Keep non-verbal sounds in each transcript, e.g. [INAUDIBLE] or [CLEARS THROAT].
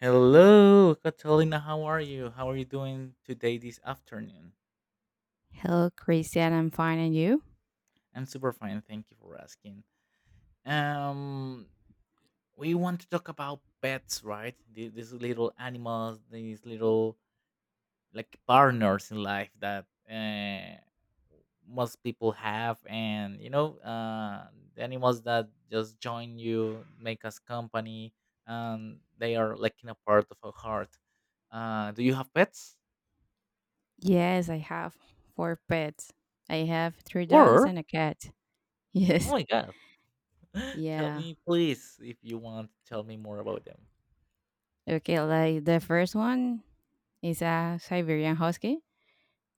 Hello, Catalina. How are you? How are you doing today, this afternoon? Hello, Christian. I'm fine. And you? I'm super fine. Thank you for asking. Um, we want to talk about pets, right? These little animals, these little like partners in life that most people have, and the animals that just join you, make us company, and they are like in a part of our heart. Do you have pets? Yes, I have four pets. I have three dogs Or and a cat. [LAUGHS] oh Yes. my god. [LAUGHS] Tell Yeah. me, please, if you want, tell me more about them. Okay, like the first one is a Siberian Husky.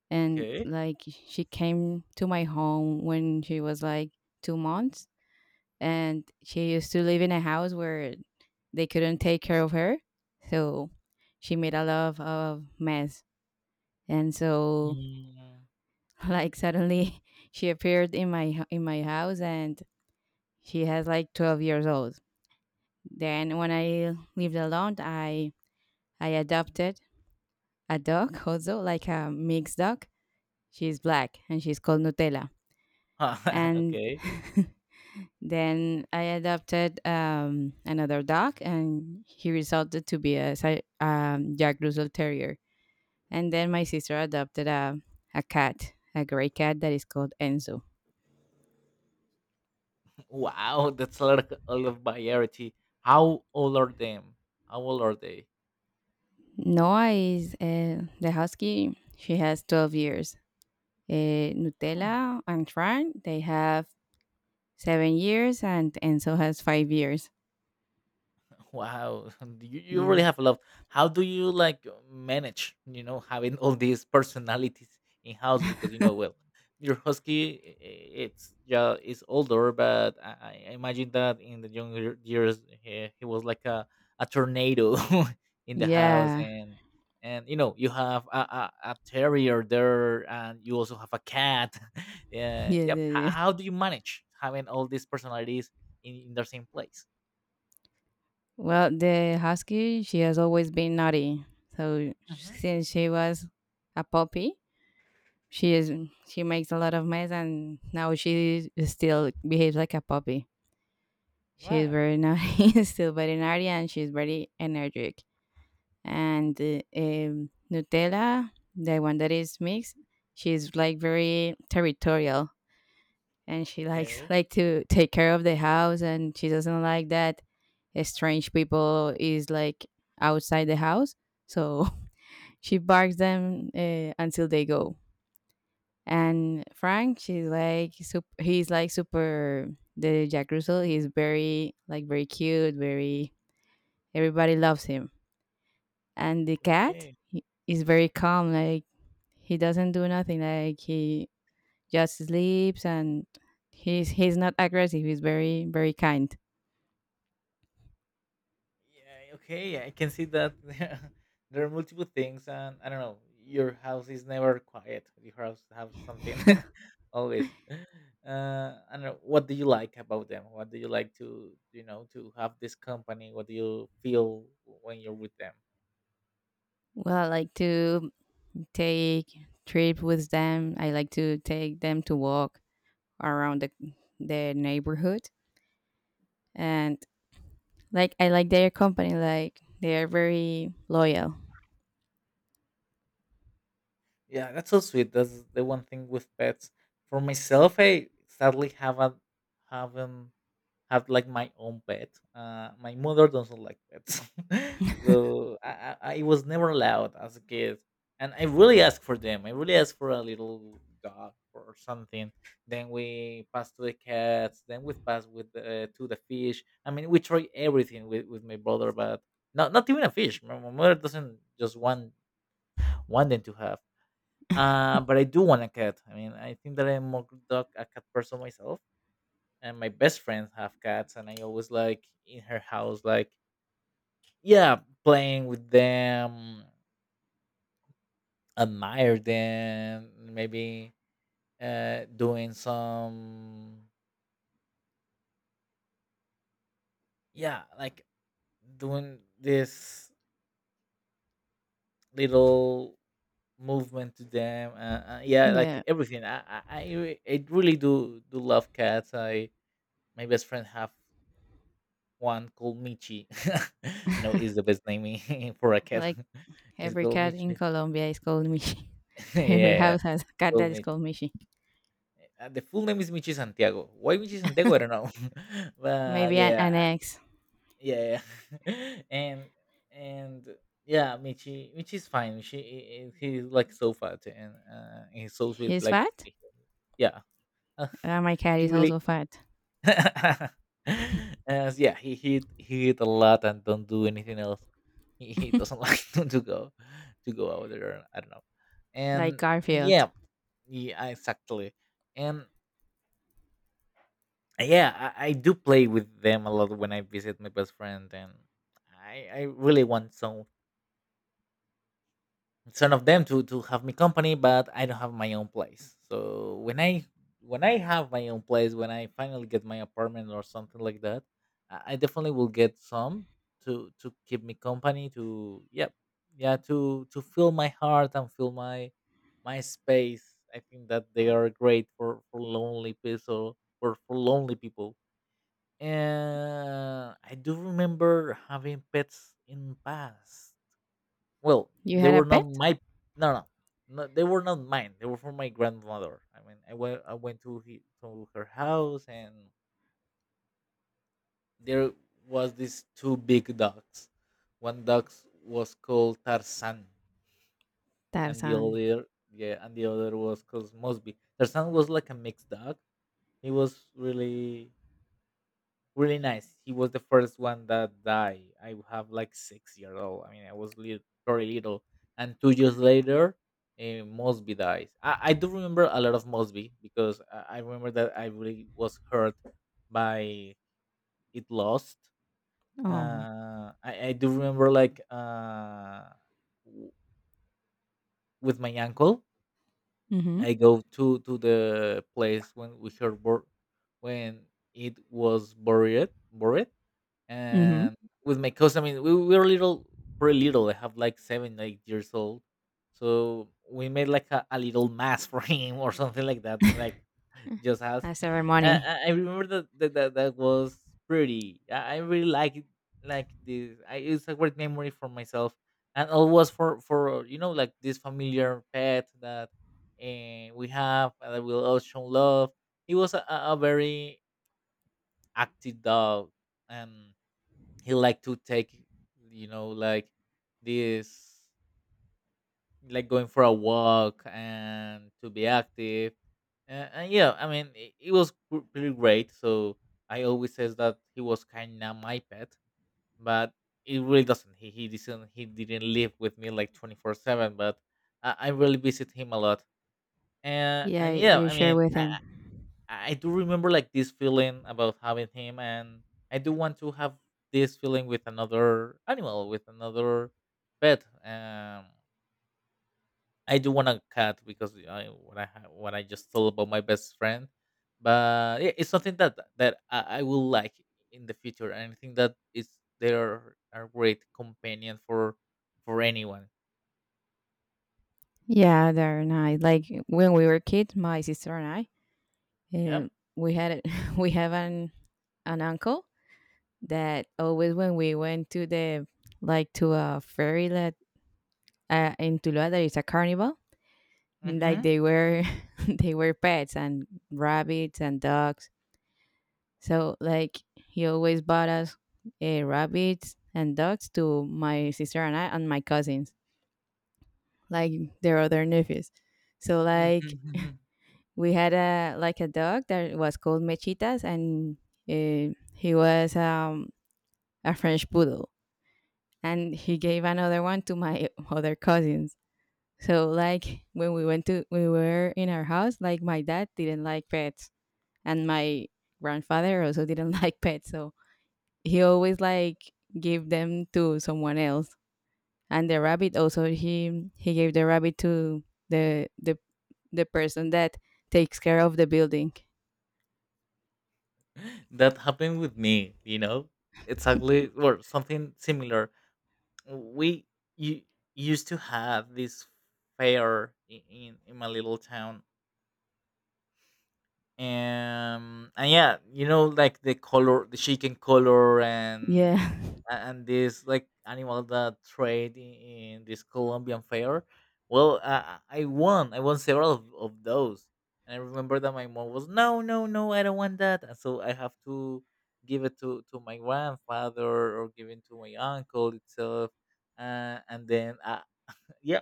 And Okay. like she came to my home when she was like 2 months. And she used to live in a house where they couldn't take care of her. So she made a lot of mess. And so Mm. [LAUGHS] like suddenly [LAUGHS] she appeared in in my house, and she has like 12 years old. Then when I lived alone, I adopted a dog, also like a mixed dog. She's black, and she's called Nutella. [LAUGHS] And Okay. [LAUGHS] then I adopted another dog, and he resulted to be a Jack Russell Terrier. And then my sister adopted a cat, a gray cat that is called Enzo. Wow, that's a lot, a lot of variety. How old are them? How old are they? Noah is the husky. She has 12 years. Nutella and Fran, they have 7 years, and Enzo has 5 years. Wow, [LAUGHS] you really Yeah. have a lot. How do you like manage, you know, having all these personalities in house? Because you know, well, your husky, it's yeah, is older, but I imagine that in the younger years, he was like a tornado [LAUGHS] in the house, Yeah. [LAUGHS] And you know, you have a terrier there, and you also have a cat. [LAUGHS] Yeah, Yeah. yep. Yeah. Yeah. How do you manage having all these personalities in the same place? Well, the husky, she has always been naughty. So Hmm. since she was a puppy, she is she makes a lot of mess, and now she still behaves like a puppy. She's Wow. very naughty, [LAUGHS] still very naughty, and she's very energetic. And Nutella, the one that is mixed, she's like very territorial, and she likes [LAUGHS] Okay, like to take care of the house, and she doesn't like that strange people is like outside the house. So [LAUGHS] she barks them until they go. And Frank, he's like super, the Jack Russell. He's very, like very cute, very. Everybody loves him. And the cat okay. Is very calm. Like he doesn't do nothing. Like he just sleeps, and he's not aggressive. He's very, very kind. Yeah, okay, I can see that [LAUGHS] there are multiple things and I don't know, your house is never quiet. Your house have something [LAUGHS] always. I don't know, what do you like about them? What do you like to, you know, to have this company? What do you feel when you're with them? Well, I like to take trip with them. I like to take them to walk around the neighborhood. And like I like their company. Like they are very loyal. Yeah, that's so sweet. That's the one thing with pets. For myself, I sadly haven't had like my own pet. My mother doesn't like pets, [LAUGHS] so I was never allowed as a kid, and I really asked for them. I really asked for a little dog or something. Then we passed to the cats. Then we passed with to the fish. I mean, we tried everything with my brother, but not even a fish. My mother doesn't just want them to have. But I do want a cat. I mean, I think that I'm more dog a cat person myself, and my best friends have cats, and I always like in her house, like yeah, playing with them, admire them, maybe doing some yeah, like doing this little movement to them. Yeah, Yeah. like everything. I really do love cats. I my best friend have one called Michi. [LAUGHS] I know is [LAUGHS] the best name [LAUGHS] for a cat. Like [LAUGHS] It's every called cat in Michi. Colombia is called Mishi. [LAUGHS] [LAUGHS] Every Yeah, house has a cat called that is Michi. called Mishi. The full name is Michi Santiago. Why Michi Santiago? I don't know. [LAUGHS] But Maybe an, yeah, an ex. yeah, yeah. [LAUGHS] And yeah, Michi. Michi is fine. She he's like so fat and he's so sweet. He's Like fat? yeah, My [LAUGHS] cat he is really also fat. [LAUGHS] as yeah, he hit a lot and don't do anything else. He doesn't [LAUGHS] like to go out there. I don't know. [LAUGHS] Like And Garfield. yeah, yeah, exactly. And yeah, I do play with them a lot when I visit my best friend, and I really want some son of them to have me company but I don't have my own place so when I have my own place when I finally get my apartment or something like that I definitely will get some to keep me company to yep yeah to fill my heart and fill my my space. I think that they are great for lonely people or for lonely people, and I do remember having pets in past. Well, You they had were a not pet? my no, no, no. They were not mine. They were from my grandmother. I mean, I went to her house, and there was these two big dogs. One dog was called Tarzan, and the Tarzan. other yeah, and the other was called Mosby. Tarzan was like a mixed dog. He was really nice. He was the first one that died. I have like 6 years old. I mean, I was little, very little. And 2 years later, Mosby dies. I do remember a lot of Mosby because I remember that I really was hurt by it lost. Oh. Uh, I do remember like w- with my uncle, Mm-hmm. I go to the place when we heard bur- when it was buried. Mm-hmm. And with my cousin, I mean, we were little, pretty little. I have like seven, 8 years old. So we made like a little mask [LAUGHS] for him or something like that, like just us. A ceremony. I remember that that was pretty. I really like it, like this. I, it's a great memory for myself, and all was for you know like this familiar pet that we have that will all show love. He was a very active dog, and he liked to take you know like this like going for a walk and to be active and yeah I mean it was really great so I always says that he was kind of my pet but it really doesn't he didn't live with me like 24/7 but I really visit him a lot Yeah, and yeah you I share mean with him. I do remember like this feeling about having him, and I do want to have this feeling with another animal, with another pet. I do want a cat because I, what I ha- what I just told about my best friend, but yeah, it's something that I will like in the future, and I think that it's they are a great companion for anyone. Yeah, they're nice. Like when we were kids, my sister and I, Yeah. We had a, [LAUGHS] we have an uncle that always when we went to the like to a ferry that in Tuluá there is a carnival, like Mm-hmm. they were [LAUGHS] they were pets and rabbits and dogs. So like he always bought us rabbits and dogs to my sister and I and my cousins, like their other nephews. So like Mm-hmm. we had a like a dog that was called Mechitas. And he was a French Poodle, and he gave another one to my [LAUGHS] other cousins. So like when we went to we were in our house, like my dad didn't like pets, and my grandfather also didn't [LAUGHS] like pets, so he always like gave them to someone else. And the rabbit, also he gave the rabbit to the the the person that takes care of the building. [LAUGHS] That happened with me. You know, exactly [LAUGHS] or something similar we you used to have this fair in my little town. And yeah you know like the color the chicken color Yeah. [LAUGHS] and this like animal that trade in this colombian fair. Well I won several of those and I remember that my mom was no no no I don't want that and so I have to give it to my grandfather or give it to my uncle itself. And then yeah,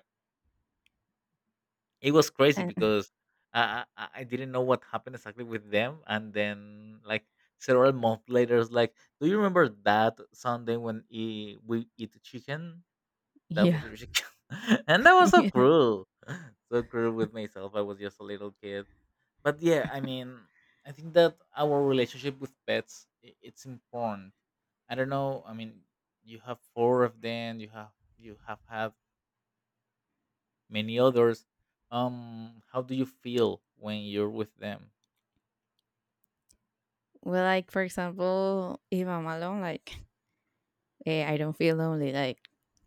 it was crazy And- because I didn't know what happened exactly with them, and then like several months later, it's like, do you remember that Sunday when we eat chicken? That yeah. was your chicken, [LAUGHS] and that [LAUGHS] was so Well, cruel, [LAUGHS] so cruel with myself. I was just a little kid, but yeah, I mean, I think that our relationship with pets it's important. I don't know. I mean, you have four of them. You have had many others. Um, how do you feel when you're with them? like for example, Eva Malone, like I don't feel lonely. Like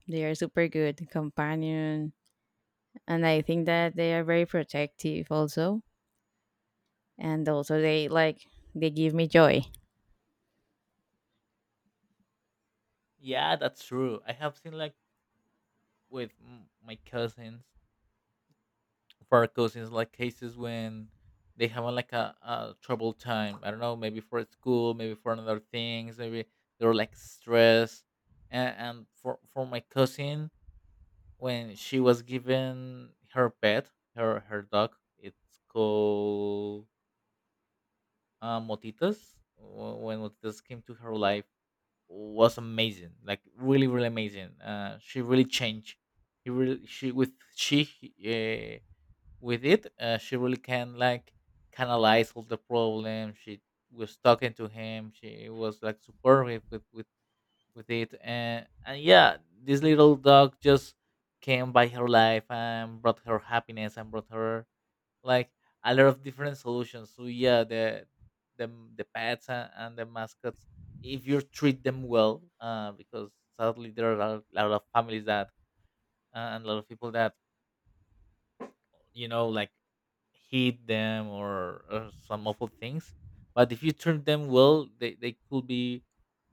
they are super good companion, and I think that they are very protective also, and also they like they give me joy. Yeah, that's true. I have seen like with my cousins for our cousins like cases when they have like a troubled time. I don't know, maybe for school, maybe for another things, maybe they're like stressed. And for my cousin when she was given her pet her dog it's called motitas. When motitas came to her life was amazing, like really, really amazing. She really changed. He really she uh, with it. She really can like canalize all the problems. She was talking to him. She was like supportive with it, and yeah, this little dog just came by her life and brought her happiness and brought her like a lot of different solutions. So yeah, the the pets and the mascots, if you treat them well, because sadly there are a lot of families that and a lot of people that you know like hit them or some awful things. But if you treat them well, they could be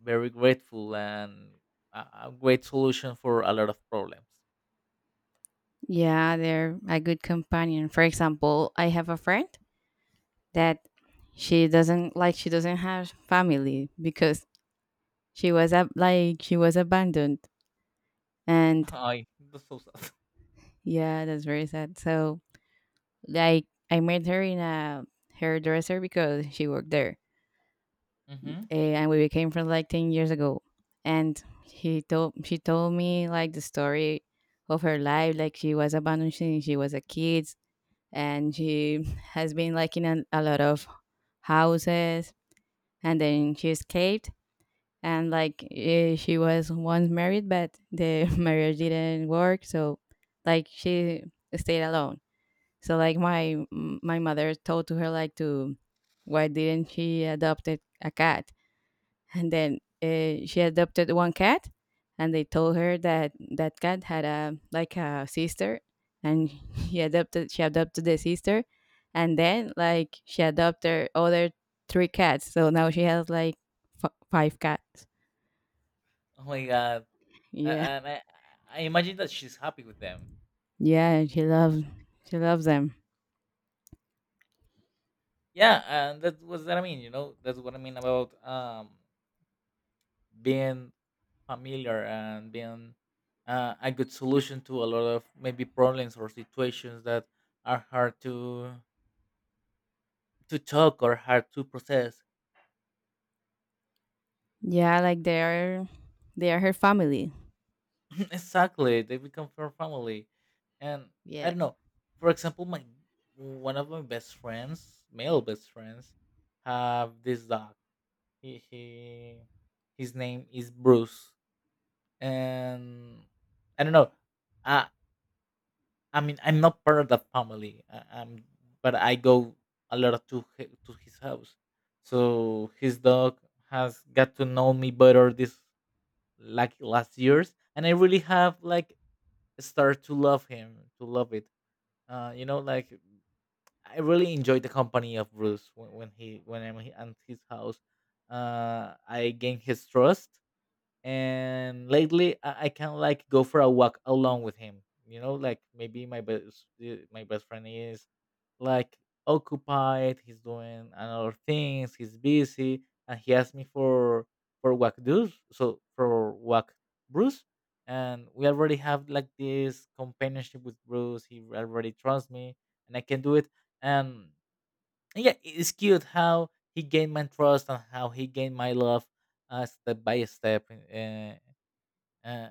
very grateful and a, a great solution for a lot of problems. Yeah, they're a good companion. For example, I have a friend that she doesn't have family because like she was abandoned. [LAUGHS] And I that's so sad. yeah, that's very sad. So like I met her in a hairdresser because she worked there. Hmm. And we became friends like 10 years ago. And he told she told me like the story of her life. Like she was abandoned since she was a kid, and she [LAUGHS] has been like in a lot of houses, and then she escaped. And like she was once married, but the [LAUGHS] marriage didn't work, so like she stayed alone. So like my mother told to her like to why didn't she adopted a cat. And then she adopted one cat, and they told her that that cat had a like a sister, and [LAUGHS] she adopted the sister. And then like she adopted other three cats, so now she has like five cats. Oh my god, Yeah. and I imagine that she's happy with them. Yeah, she loves them. Yeah, and that was what I mean. You know, that's what I mean about being familiar and being a good solution to a lot of maybe problems or situations that are hard to talk or hard to process. Yeah, like they are her family. [LAUGHS] Exactly, they become for family. And I don't Yes. know, for example my one of my best friends male best friends have this dog. He his name is Bruce. And I don't know. I I mean I'm not part of that family. I'm but I go a lot to to his house, so his dog has got to know me better this like last years, and I really have like start to love him, to love it. Like I really enjoy the company of Bruce when I'm at his house. I gain his trust, and lately I can like go for a walk along with him. You know, like maybe my best friend is like occupied. He's doing another things. He's busy, and he asked me for walk dues. So for walk Bruce, and we already have like this companionship with Bruce. He already trusts me, and I can do it. And yeah, it's cute how he gained my trust and how he gained my love step by step. Uh,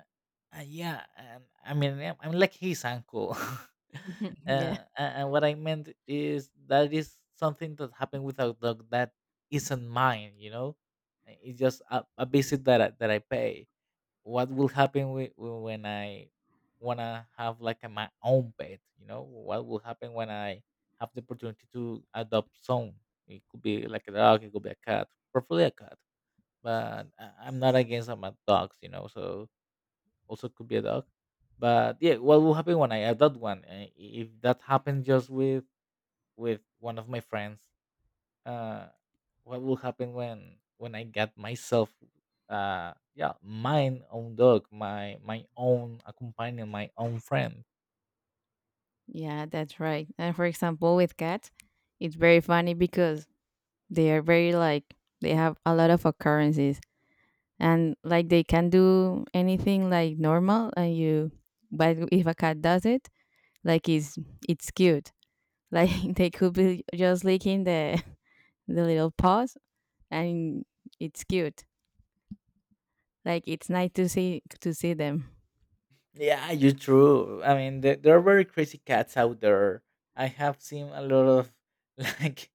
yeah, I mean, yeah, I'm like his uncle. [LAUGHS] uh, [LAUGHS] Yeah. And what I meant is that is something that happened with a dog that isn't mine, you know? It's just a visit that that I pay. What will happen with, when I want to have like my own pet, you know? What will happen when I have the opportunity to adopt some? It could be like a dog, it could be a cat, preferably a cat. But I'm not against my dogs, you know, so also could be a dog. But yeah, what will happen when I adopt one? If that happens just with one of my friends, uh, what will happen when I get myself, yeah, mine own dog, my own companion, my own friend? Yeah, that's right. And for example, with cats, it's very funny because they are very, like they have a lot of occurrences, and like they can do anything, like normal and you. But if a cat does it, like it's cute. Like [LAUGHS] they could be just licking the little paws, and it's cute. Like it's nice to see them. Yeah, you're true. I mean, there are very crazy cats out there. I have seen a lot of [LAUGHS] like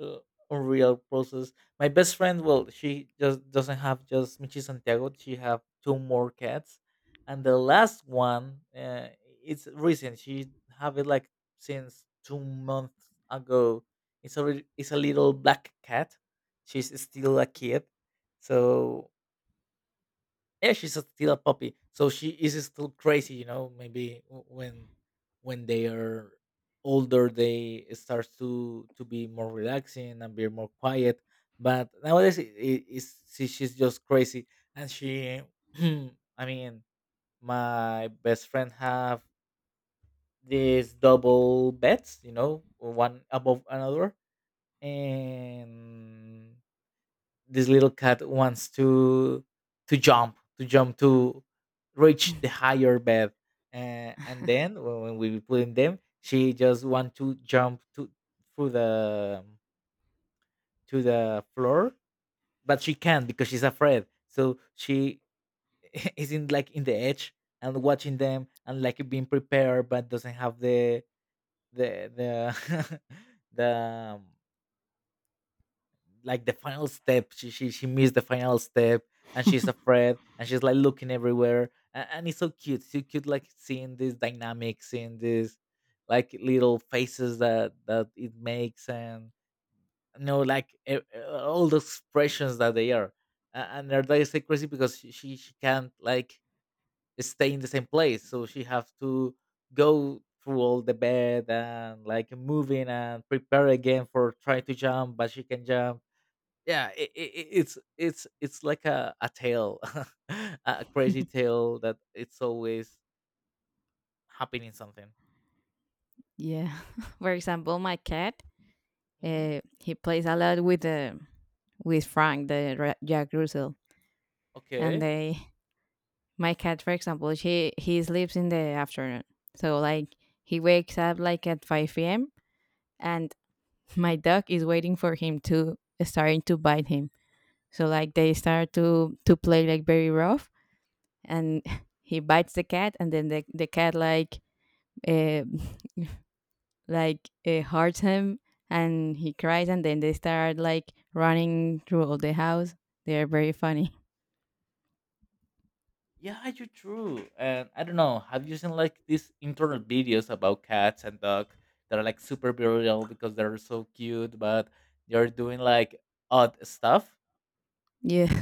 uh, unreal process. My best friend, well, she just doesn't have just Michi Santiago. She have two more cats, and the last one, it's recent. She have it like since 2 months ago. It's a it's a little black cat. She's still a kid, so yeah she's a- still a puppy, so she is still crazy, you know, maybe when they are older they start to be more relaxing and be more quiet, but nowadays she's just crazy. And she [CLEARS THROAT] I mean, my best friend have these double beds, you know, one above another. And this little cat wants to to jump to reach the higher bed. And then when we put in them, she just want to jump to through the to the floor, but she can't because she's afraid, so she [LAUGHS] is in like in the edge and watching them and like being prepared, but doesn't have the the the [LAUGHS] the um, like the final step. She missed the final step, and she's afraid, and she's like looking everywhere, and it's so cute, like seeing this dynamic, seeing this like little faces that that it makes, and you know, like all the expressions that they are. And they're like so crazy because she can't like stay in the same place, so she have to go through all the bed and like moving and prepare again for try to jump, but she can jump. yeah, it, it, it's like a tale, [LAUGHS] a crazy tale that it's always happening something. Yeah. [LAUGHS] For example, my cat, Hmm. He plays a lot with Frank, the Jack Russell, and Okay, they my cat, for example, she he sleeps in the afternoon, so like he wakes up like at 5 p.m., and my dog is waiting for him to starting to bite him. So like they start to play like very rough, and [LAUGHS] he bites the cat, and then the cat uh, hurts him, and he cries, and then they start like running through all the house. They're very funny. yeah, you're true. And I don't know, have you seen like these internet videos about cats and dogs that are like super viral because they're so cute, but they're doing like odd stuff? Yeah.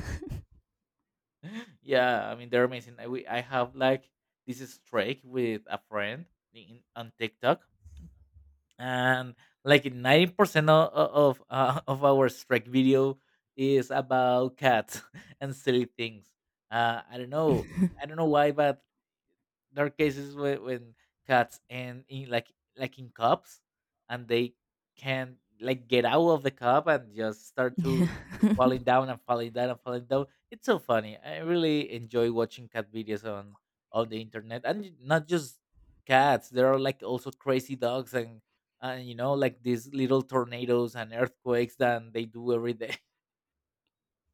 [LAUGHS] Yeah, I mean they're amazing. I have like this streak with a friend in on TikTok, and like 90% of [LAUGHS] of our strike video is about cats [LAUGHS] and silly things. uh, i don't know I [LAUGHS] don't know why, but there are cases where, when cats and in like in cups, and they can like get out of the cup and just start Yeah. To [LAUGHS] falling down and falling down and falling down. It's so funny, I really enjoy watching cat videos on the internet, and not just cats. There are like also crazy dogs and you know like these little tornadoes and earthquakes that they do every day.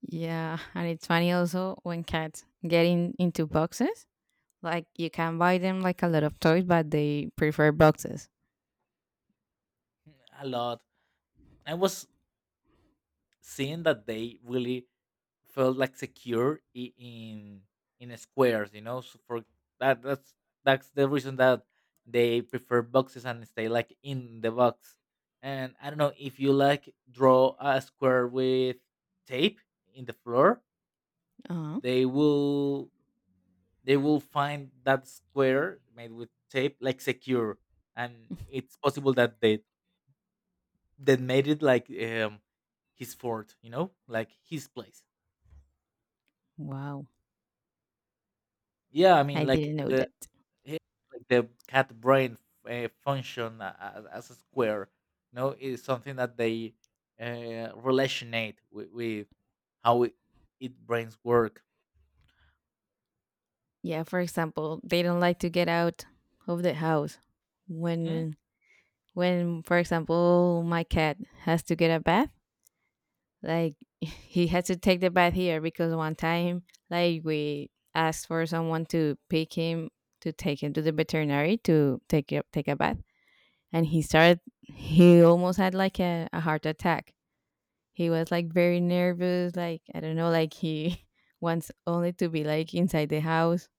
Yeah, and it's funny also when cats get in into boxes. Like you can buy them like a lot of toys, but they prefer boxes. [LAUGHS] A lot. I was seeing that they really felt like secure in squares, you know, so for that that's the reason that they prefer boxes and stay like in the box. And I don't know if you like draw a square with tape in the floor, uh they will they will find that square made with tape like secure, and it's possible that they that made it like his fort, you know, like his place. wow, Yeah, I I mean like didn't know the that. Yeah, like the cat brain function as a square, you know, is something that they relationate with how it brains work. Yeah, for example, they don't like to get out of the house Mhm. when when, for example, my cat has to get a bath, like [LAUGHS] he has to take the bath here because one time, like we asked for someone to pick him to take him to the veterinary to take a bath, and he started. He almost had like a heart attack. He was like very nervous. Like I don't know, like he [LAUGHS] wants only to be like inside the house.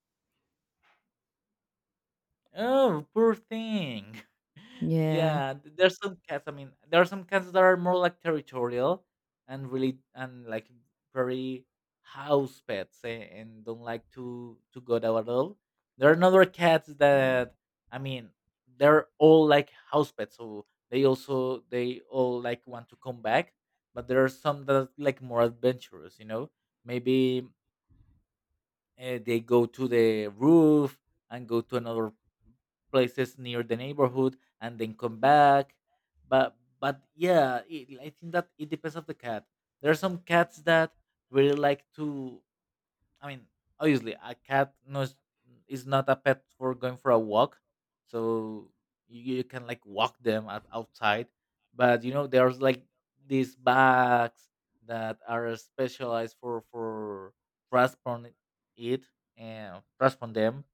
Oh, poor thing. [LAUGHS] Yeah. Yeah, there's some cats. I mean, there are some cats that are more like territorial and really and like very house pets, eh, and don't like to go out at all. There are other cats that I mean, they're all like house pets, so they also they all like want to come back. But there are some that are like more adventurous, you know. Maybe they go to the roof and go to another places near the neighborhood and then come back. But yeah, it, I think that it depends of the cat. There are some cats that really like to I mean, obviously, a cat no is, is not a pet for going for a walk, so you can like walk them outside. But you know, there's like these bags that are specialized for transport it and transport them,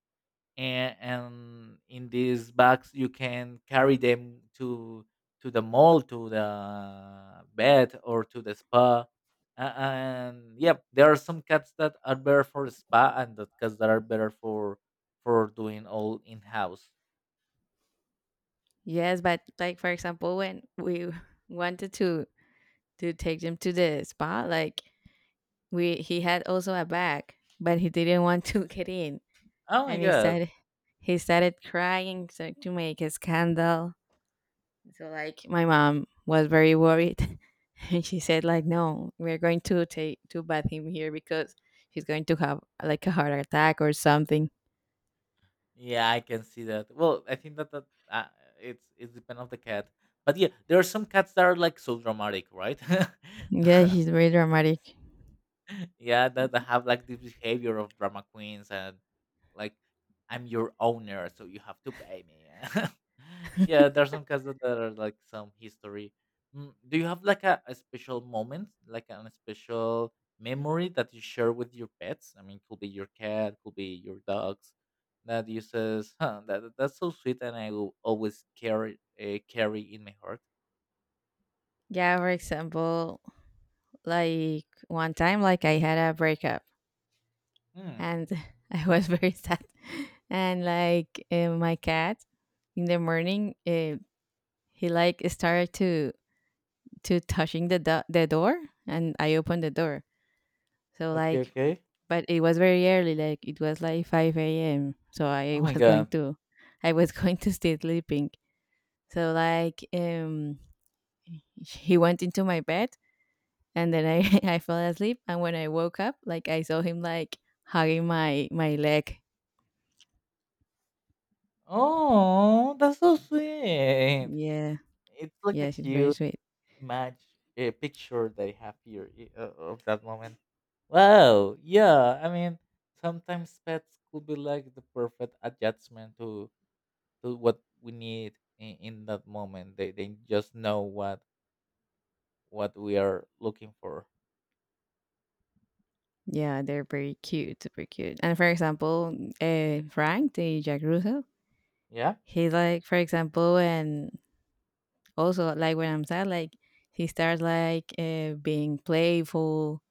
and in these bags you can carry them to the mall, to the bed, or to the spa. And yep, there are some cats that are better for the spa, and the cats that are better for doing all in house. Yes, but like for example, when we [LAUGHS] wanted to take them to the spa, like We he had also a bag, but he didn't want to [LAUGHS] get in, Oh my and god. He started crying so, to make a scandal. So like my mom was very worried, [LAUGHS] and she said like no, we're going to take to bath him here because she's going to have like a heart attack or something. Yeah, I can see that. Well, I think that uh, it's depend of the cat, but yeah there are some cats that are like so dramatic, right? Yeah, she's [LAUGHS] very dramatic. [LAUGHS] Yeah, that, that have like this behavior of drama queens and like I'm your owner so you have to pay me. [LAUGHS] Yeah, there's some cases that are like some history. Mm, do you have like a special moment, like an special memory that you share with your pets? I mean, could be your cat, could be your dogs, that you says, huh, that's so sweet and I will always carry carry in my heart. Yeah, for example, like one time like I had a breakup, Hmm. and [LAUGHS] I was very sad. And like my cat, in the morning, he like started to touching the door, and I opened the door. So Okay, like, okay. but it was very early. Like it was like 5 a.m. So I [LAUGHS] Oh my was going god. to, I was going to stay sleeping. So like, he went into my bed, and then I [LAUGHS] I fell asleep. And when I woke up, like I saw him like hugging my leg. Oh, that's so sweet. Yeah. It's like a Yeah, she's very cute sweet. match picture that I have here of that moment. Wow. Yeah. I mean, sometimes pets could be like the perfect adjustment to what we need in that moment. They just know what we are looking for. Yeah, they're very cute, super cute. And for example, Frank, the Jack Russell, Yeah. he's like, for example, and also like when I'm sad, like he starts like being playful,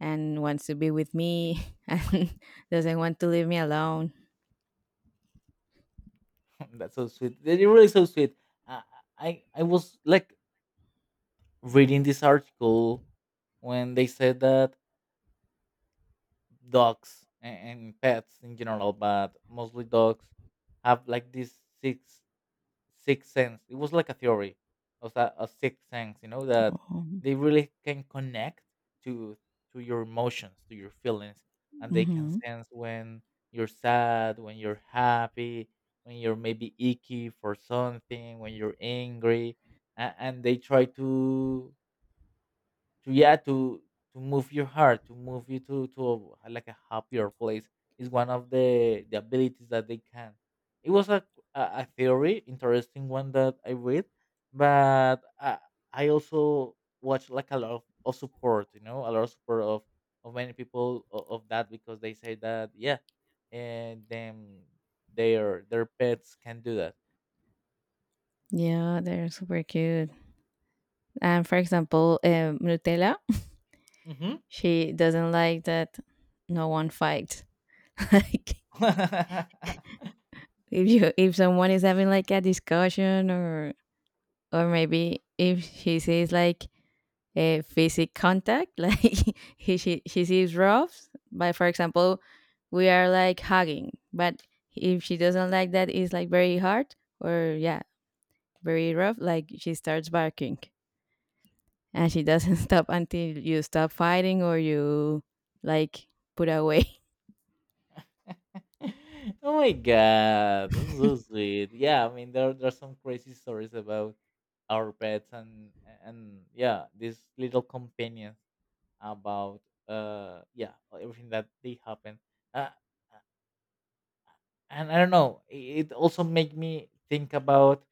and wants to be with me [LAUGHS] and doesn't want to leave me alone. [LAUGHS] That's so sweet. They're really so sweet. I I was like reading this article when they said that dogs and pets in general, but mostly dogs, have like this sixth sixth sense. It was like a theory of that a sixth sense, you know, that Oh. they really can connect to to your emotions, to your feelings, and they can Hmm. sense when you're sad, when you're happy, when you're maybe icky for something, when you're angry, and they try to yeah to move your heart, to move you to a, like a happier place. Is one of the abilities that they can. It was a theory, interesting one, that I read. But I also watch like a lot of support, you know, a lot of support of many people of that, because they say that yeah, and then their pets can do that. Yeah, they're super cute. And for example, Nutella, [LAUGHS] Hmm. she doesn't like that no one fights. [LAUGHS] Like [LAUGHS] if someone is having like a discussion or maybe if she sees like a physical contact, [LAUGHS] like he she sees rough, but for example we are like hugging, but if she doesn't like that, it's like very hard, or yeah, very rough, like she starts barking, and she doesn't [LAUGHS] stop until you stop fighting, or you like put away. [LAUGHS] Oh my god, that's so [LAUGHS] sweet. Yeah, I mean there there's some crazy stories about our pets and yeah, these little companions about yeah everything that they happen. Uh, and I don't know, it also made me think about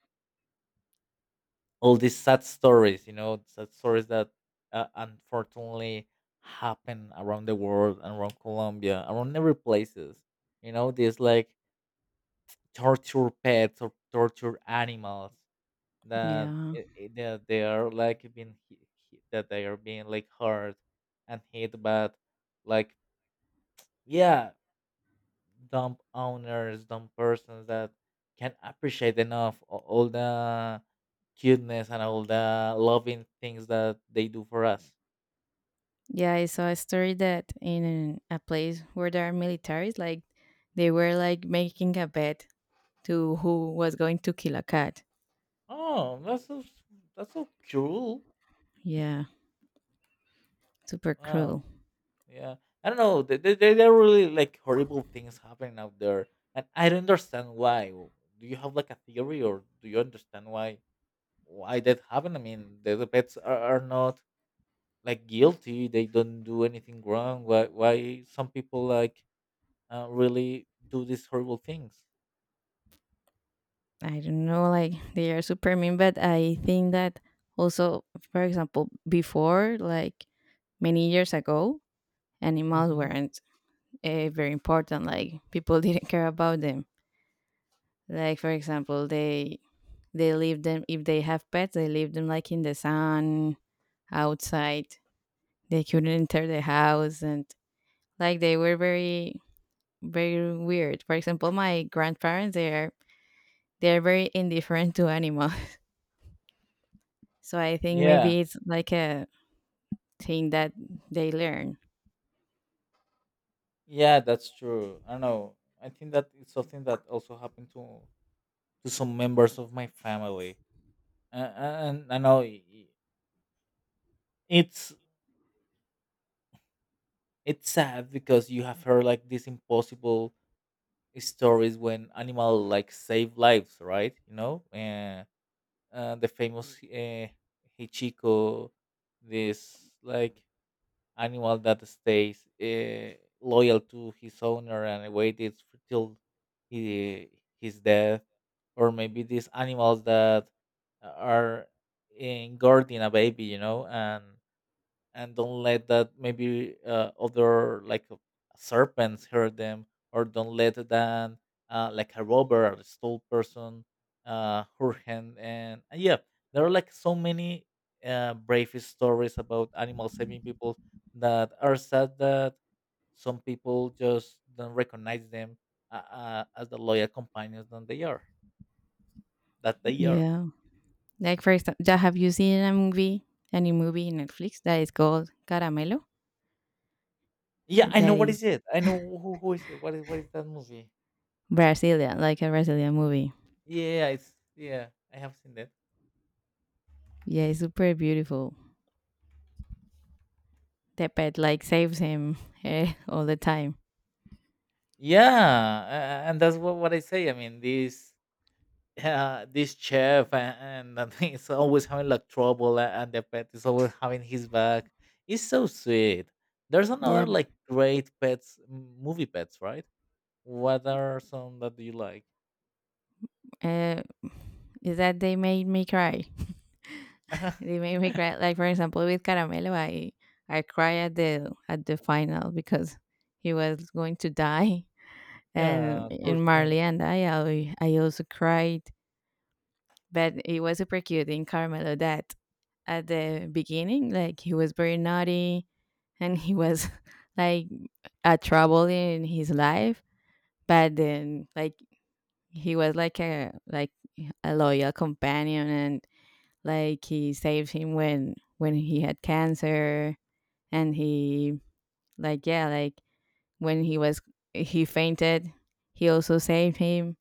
all these sad stories. You know, sad stories that unfortunately happen around the world, around Colombia, around every places. You know, this like torture pets or torture animals that Yeah. That they are like being that they are being like hurt and hit, but like yeah dumb owners, dumb persons that can appreciate enough all the cuteness and all the loving things that they do for us. Yeah, I saw a story that in a place where there are militaries, like they were like making a bet to who was going to kill a cat. Oh, that's so cruel. Yeah, super cruel. Yeah, I don't know. There are really like horrible things happening out there, and I don't understand why. Do you have like a theory, or do you understand why that happened? I mean, the pets are not like guilty; they don't do anything wrong. Why some people really do these horrible things? I don't know, like they are super mean, but I think that also, for example, before, like many years ago, animals Hmm. weren't very important. Like people [LAUGHS] didn't care about them. Like for example, they leave them if they have pets, they leave them like in the sun, outside. They couldn't enter the house, and like they were very, very weird. For example, my grandparents, they're very indifferent to animals. [LAUGHS] So I think Yeah, maybe it's like a thing that they learn. yeah, that's true. I don't know. I think that it's something that also happened to some members of my family, uh, and I know i- it's it's sad because you have heard like these impossible stories when animal like save lives, right? You know, the famous Hichiko, this like animal that stays loyal to his owner and waited till he, his death, or maybe these animals that are in guarding a baby, you know, and don't let that maybe other serpents hurt them, or don't let that like a robber or a stole person hurt him. And yeah, there are like so many brave stories about animals saving people, that are sad that some people just don't recognize them as the loyal companions that they are that they are. Yeah. Like for example, have you seen a movie, any movie in Netflix that is called Caramelo, Yeah, I know that what is is it. I know who is it. What is that movie? Brazilian, like a Brazilian movie? Yeah, it's, yeah, I have seen that. Yeah, it's super beautiful. The pet like saves him [LAUGHS] all the time. Yeah, and that's what I say. I mean, this [LAUGHS] this chef and [LAUGHS] he's always having like trouble, and the pet is always having his back. It's so sweet. There's Yeah. another like great pets movie pets, right? What are some that you like? uh, is that they made me cry. They [LAUGHS] make me cry. Like for example, with Caramelo, I cry at the final because he was going to die, and yeah, poor in thing. Marley and I, also cried. But it was super cute in Caramelo that at the beginning, like he was very naughty, and he was [LAUGHS] like a trouble in his life, but then like he was like a loyal companion, and like he saved him when he had cancer, and he like yeah, like when he was, he fainted, he also saved him.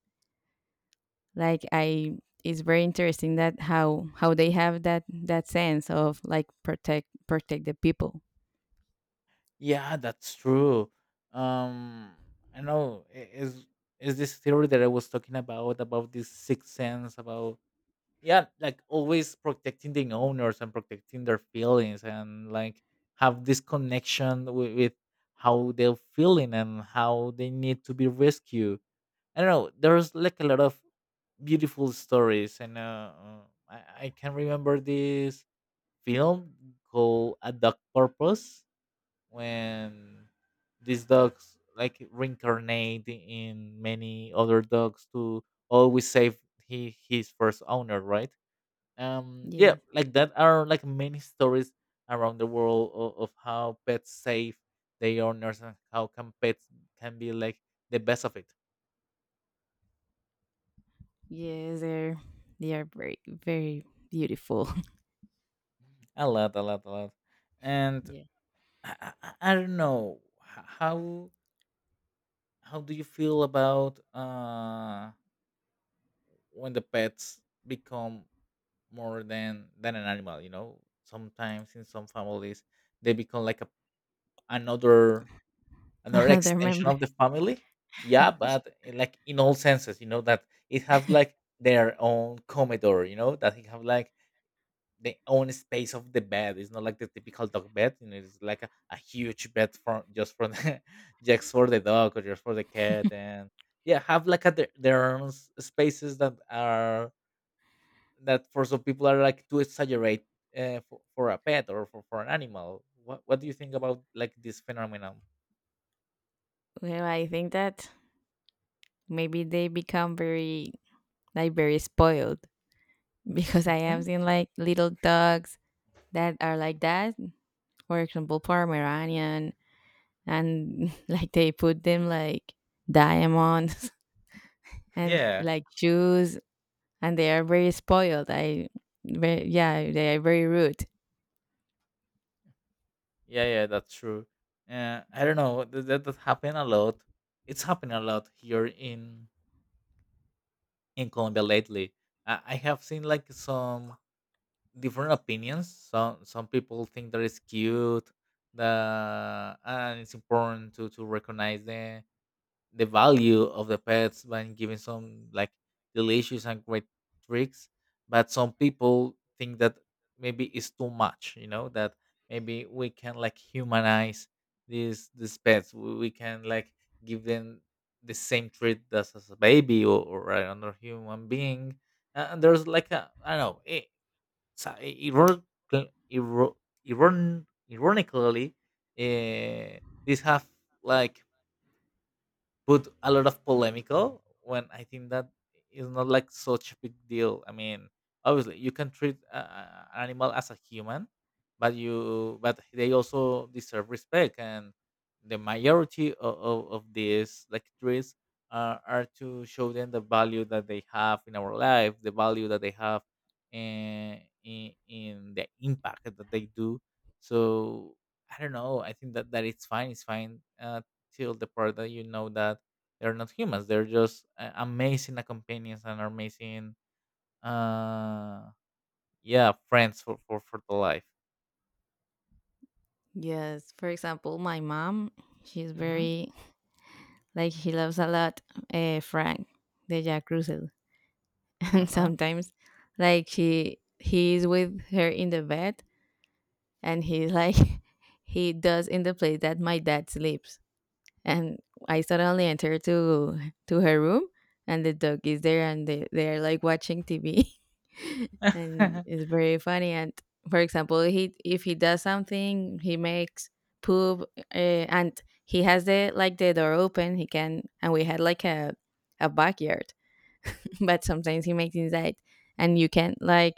Like I it's very interesting that how they have that sense of like protect the people. Yeah, that's true. Um, I know is is this theory that I was talking about this sixth sense, about yeah, like always protecting the owners and protecting their feelings and like have this connection with how they're feeling and how they need to be rescued. I don't know, there's like a lot of beautiful stories, and I, I can remember this film called A Dog Purpose, when these dogs like reincarnate in many other dogs to always save his first owner, right? Um, yeah, Yeah. like that are like many stories around the world of how pets save their owners, and how can pets can be like the best of it. Yeah, they are very, very beautiful. A lot, a lot, a lot. [LAUGHS] And Yeah. I don't know how do you feel about uh, when the pets become more than an animal? You know, sometimes in some families they become like another another Another extension member. of the family. Yeah, but eh, like in all senses, you know, that it has like their own commodore. You know that it have like the own space of the bed. It's not like the typical dog bed. You know, it's like a huge bed for just for the [LAUGHS] just for the dog or just for the cat, and yeah, have like their own spaces that are that for some people are like too exaggerate for a pet or for an animal. What do you think about like this phenomenon? Well, I think that maybe they become very, like very spoiled. [LAUGHS] Because I have Hmm. seen like little dogs that are like that, for example Pomeranian, and [LAUGHS] like they put them like diamonds [LAUGHS] and Yeah. like jewels, and they are very spoiled. Yeah, they are very rude. Yeah, that's true. I don't know that that happened a lot. It's happening a lot here in Colombia lately. I have seen like some different opinions. Some people think that it's cute, that and it's important to recognize the value of the pets by giving some like delicious and great tricks, but some people think that maybe it's too much, you know, that maybe we can like humanize these pets. We can like give them the same treat as a baby, or another human being. And there's like a, I don't know, it, ironically, uh, these have like put a lot of polemical, when I think that is not like such a big deal. I mean, obviously you can treat an animal as a human, but you but they also deserve respect, and the majority of these like trees are to show them the value that they have in our life, the value that they have in the impact that they do. So I don't know. I think that it's fine. It's fine till the part that you know that they're not humans. They're just amazing companions and amazing, uh, yeah, friends for the life. Yes, for example, my mom, she's Mm-hmm. very like she loves a lot Frank, the Jack Russell, [LAUGHS] and Uh-huh. sometimes like she he is with her in the bed, and he's like [LAUGHS] he does in the place that my dad sleeps, and I suddenly enter to her room, and the dog is there, and they are like watching TV, [LAUGHS] and it's very funny. And for example, he if he does something, he makes poop, uh, and he has the like the door open. He can, and we had like a backyard, [LAUGHS] but sometimes he makes inside, and you can like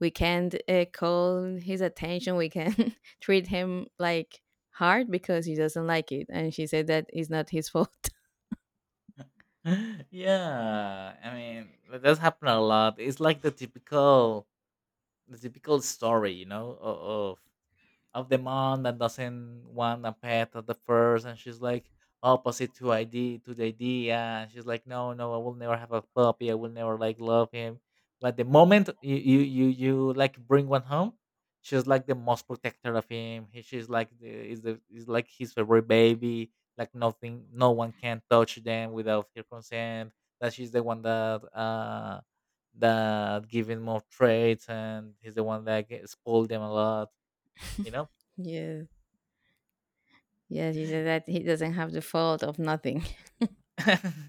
we can't call his attention. We can [LAUGHS] treat him like hard because he doesn't like it. And she said that it's not his fault. [LAUGHS] [LAUGHS] yeah. I mean, that's happened a lot. It's like the typical story, you know, of the mom that doesn't want a pet at the first, and she's like opposite to ID to the idea, and she's like, no, no, I will never have a puppy, I will never like love him. But the moment you like bring one home, she's like the most protector of him, she's like the is like his favorite baby, like nothing, no one can touch them without her consent. That she's the one that uh, that giving more traits, and he's the one that spoiled them a lot, you know. Yeah. Yeah, she said that he doesn't have the fault of nothing. [LAUGHS] [LAUGHS]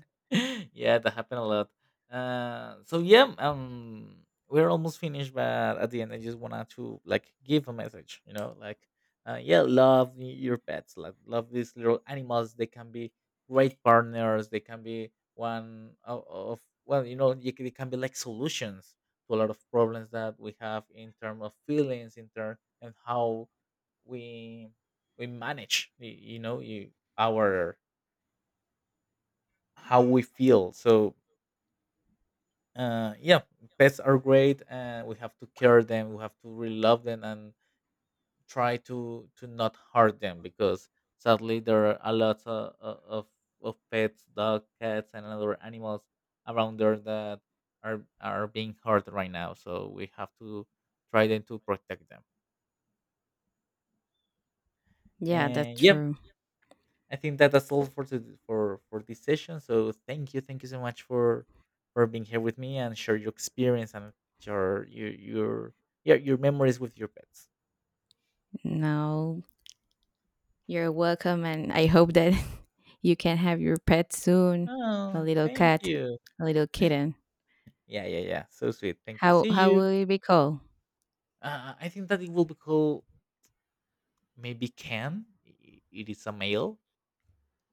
yeah, that happened a lot. So yeah, we're almost finished, but at the end, I just wanted to like give a message. You know, like, yeah, love your pets. Like, love these little animals. They can be great partners. They can be one of, well, you know, they can be like solutions to a lot of problems that we have in terms of feelings, in terms and how we we manage. You know, you our how we feel. So yeah, pets are great, and we have to care them. We have to really love them and try to not hurt them, because sadly there are a lot of pets, dog, cats, and other animals around there that are being hurt right now. So we have to try then to protect them. Yeah, that's And yeah, true. I think that's all for to, for this session. So thank you so much for being here with me and share your experience and your yeah your memories with your pets. No, you're welcome. And I hope that [LAUGHS] you can have your pet soon, a Oh, little thank cat, you. a little kitten. Yeah, so sweet. Thank you. How, See how will you. it be called? I think that it will be called maybe Ken. It is a male.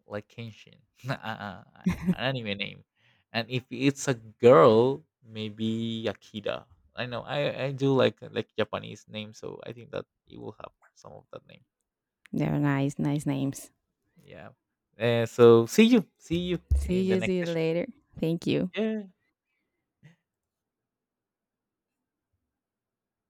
Like Kenshin, [LAUGHS] uh, uh, an anime name. And if it's a girl, maybe Yakida. I know I do like Japanese name, so I think that it will have some of that name. They're nice, nice names. Yeah. So see you in the next See you session. later. Thank you. Yeah.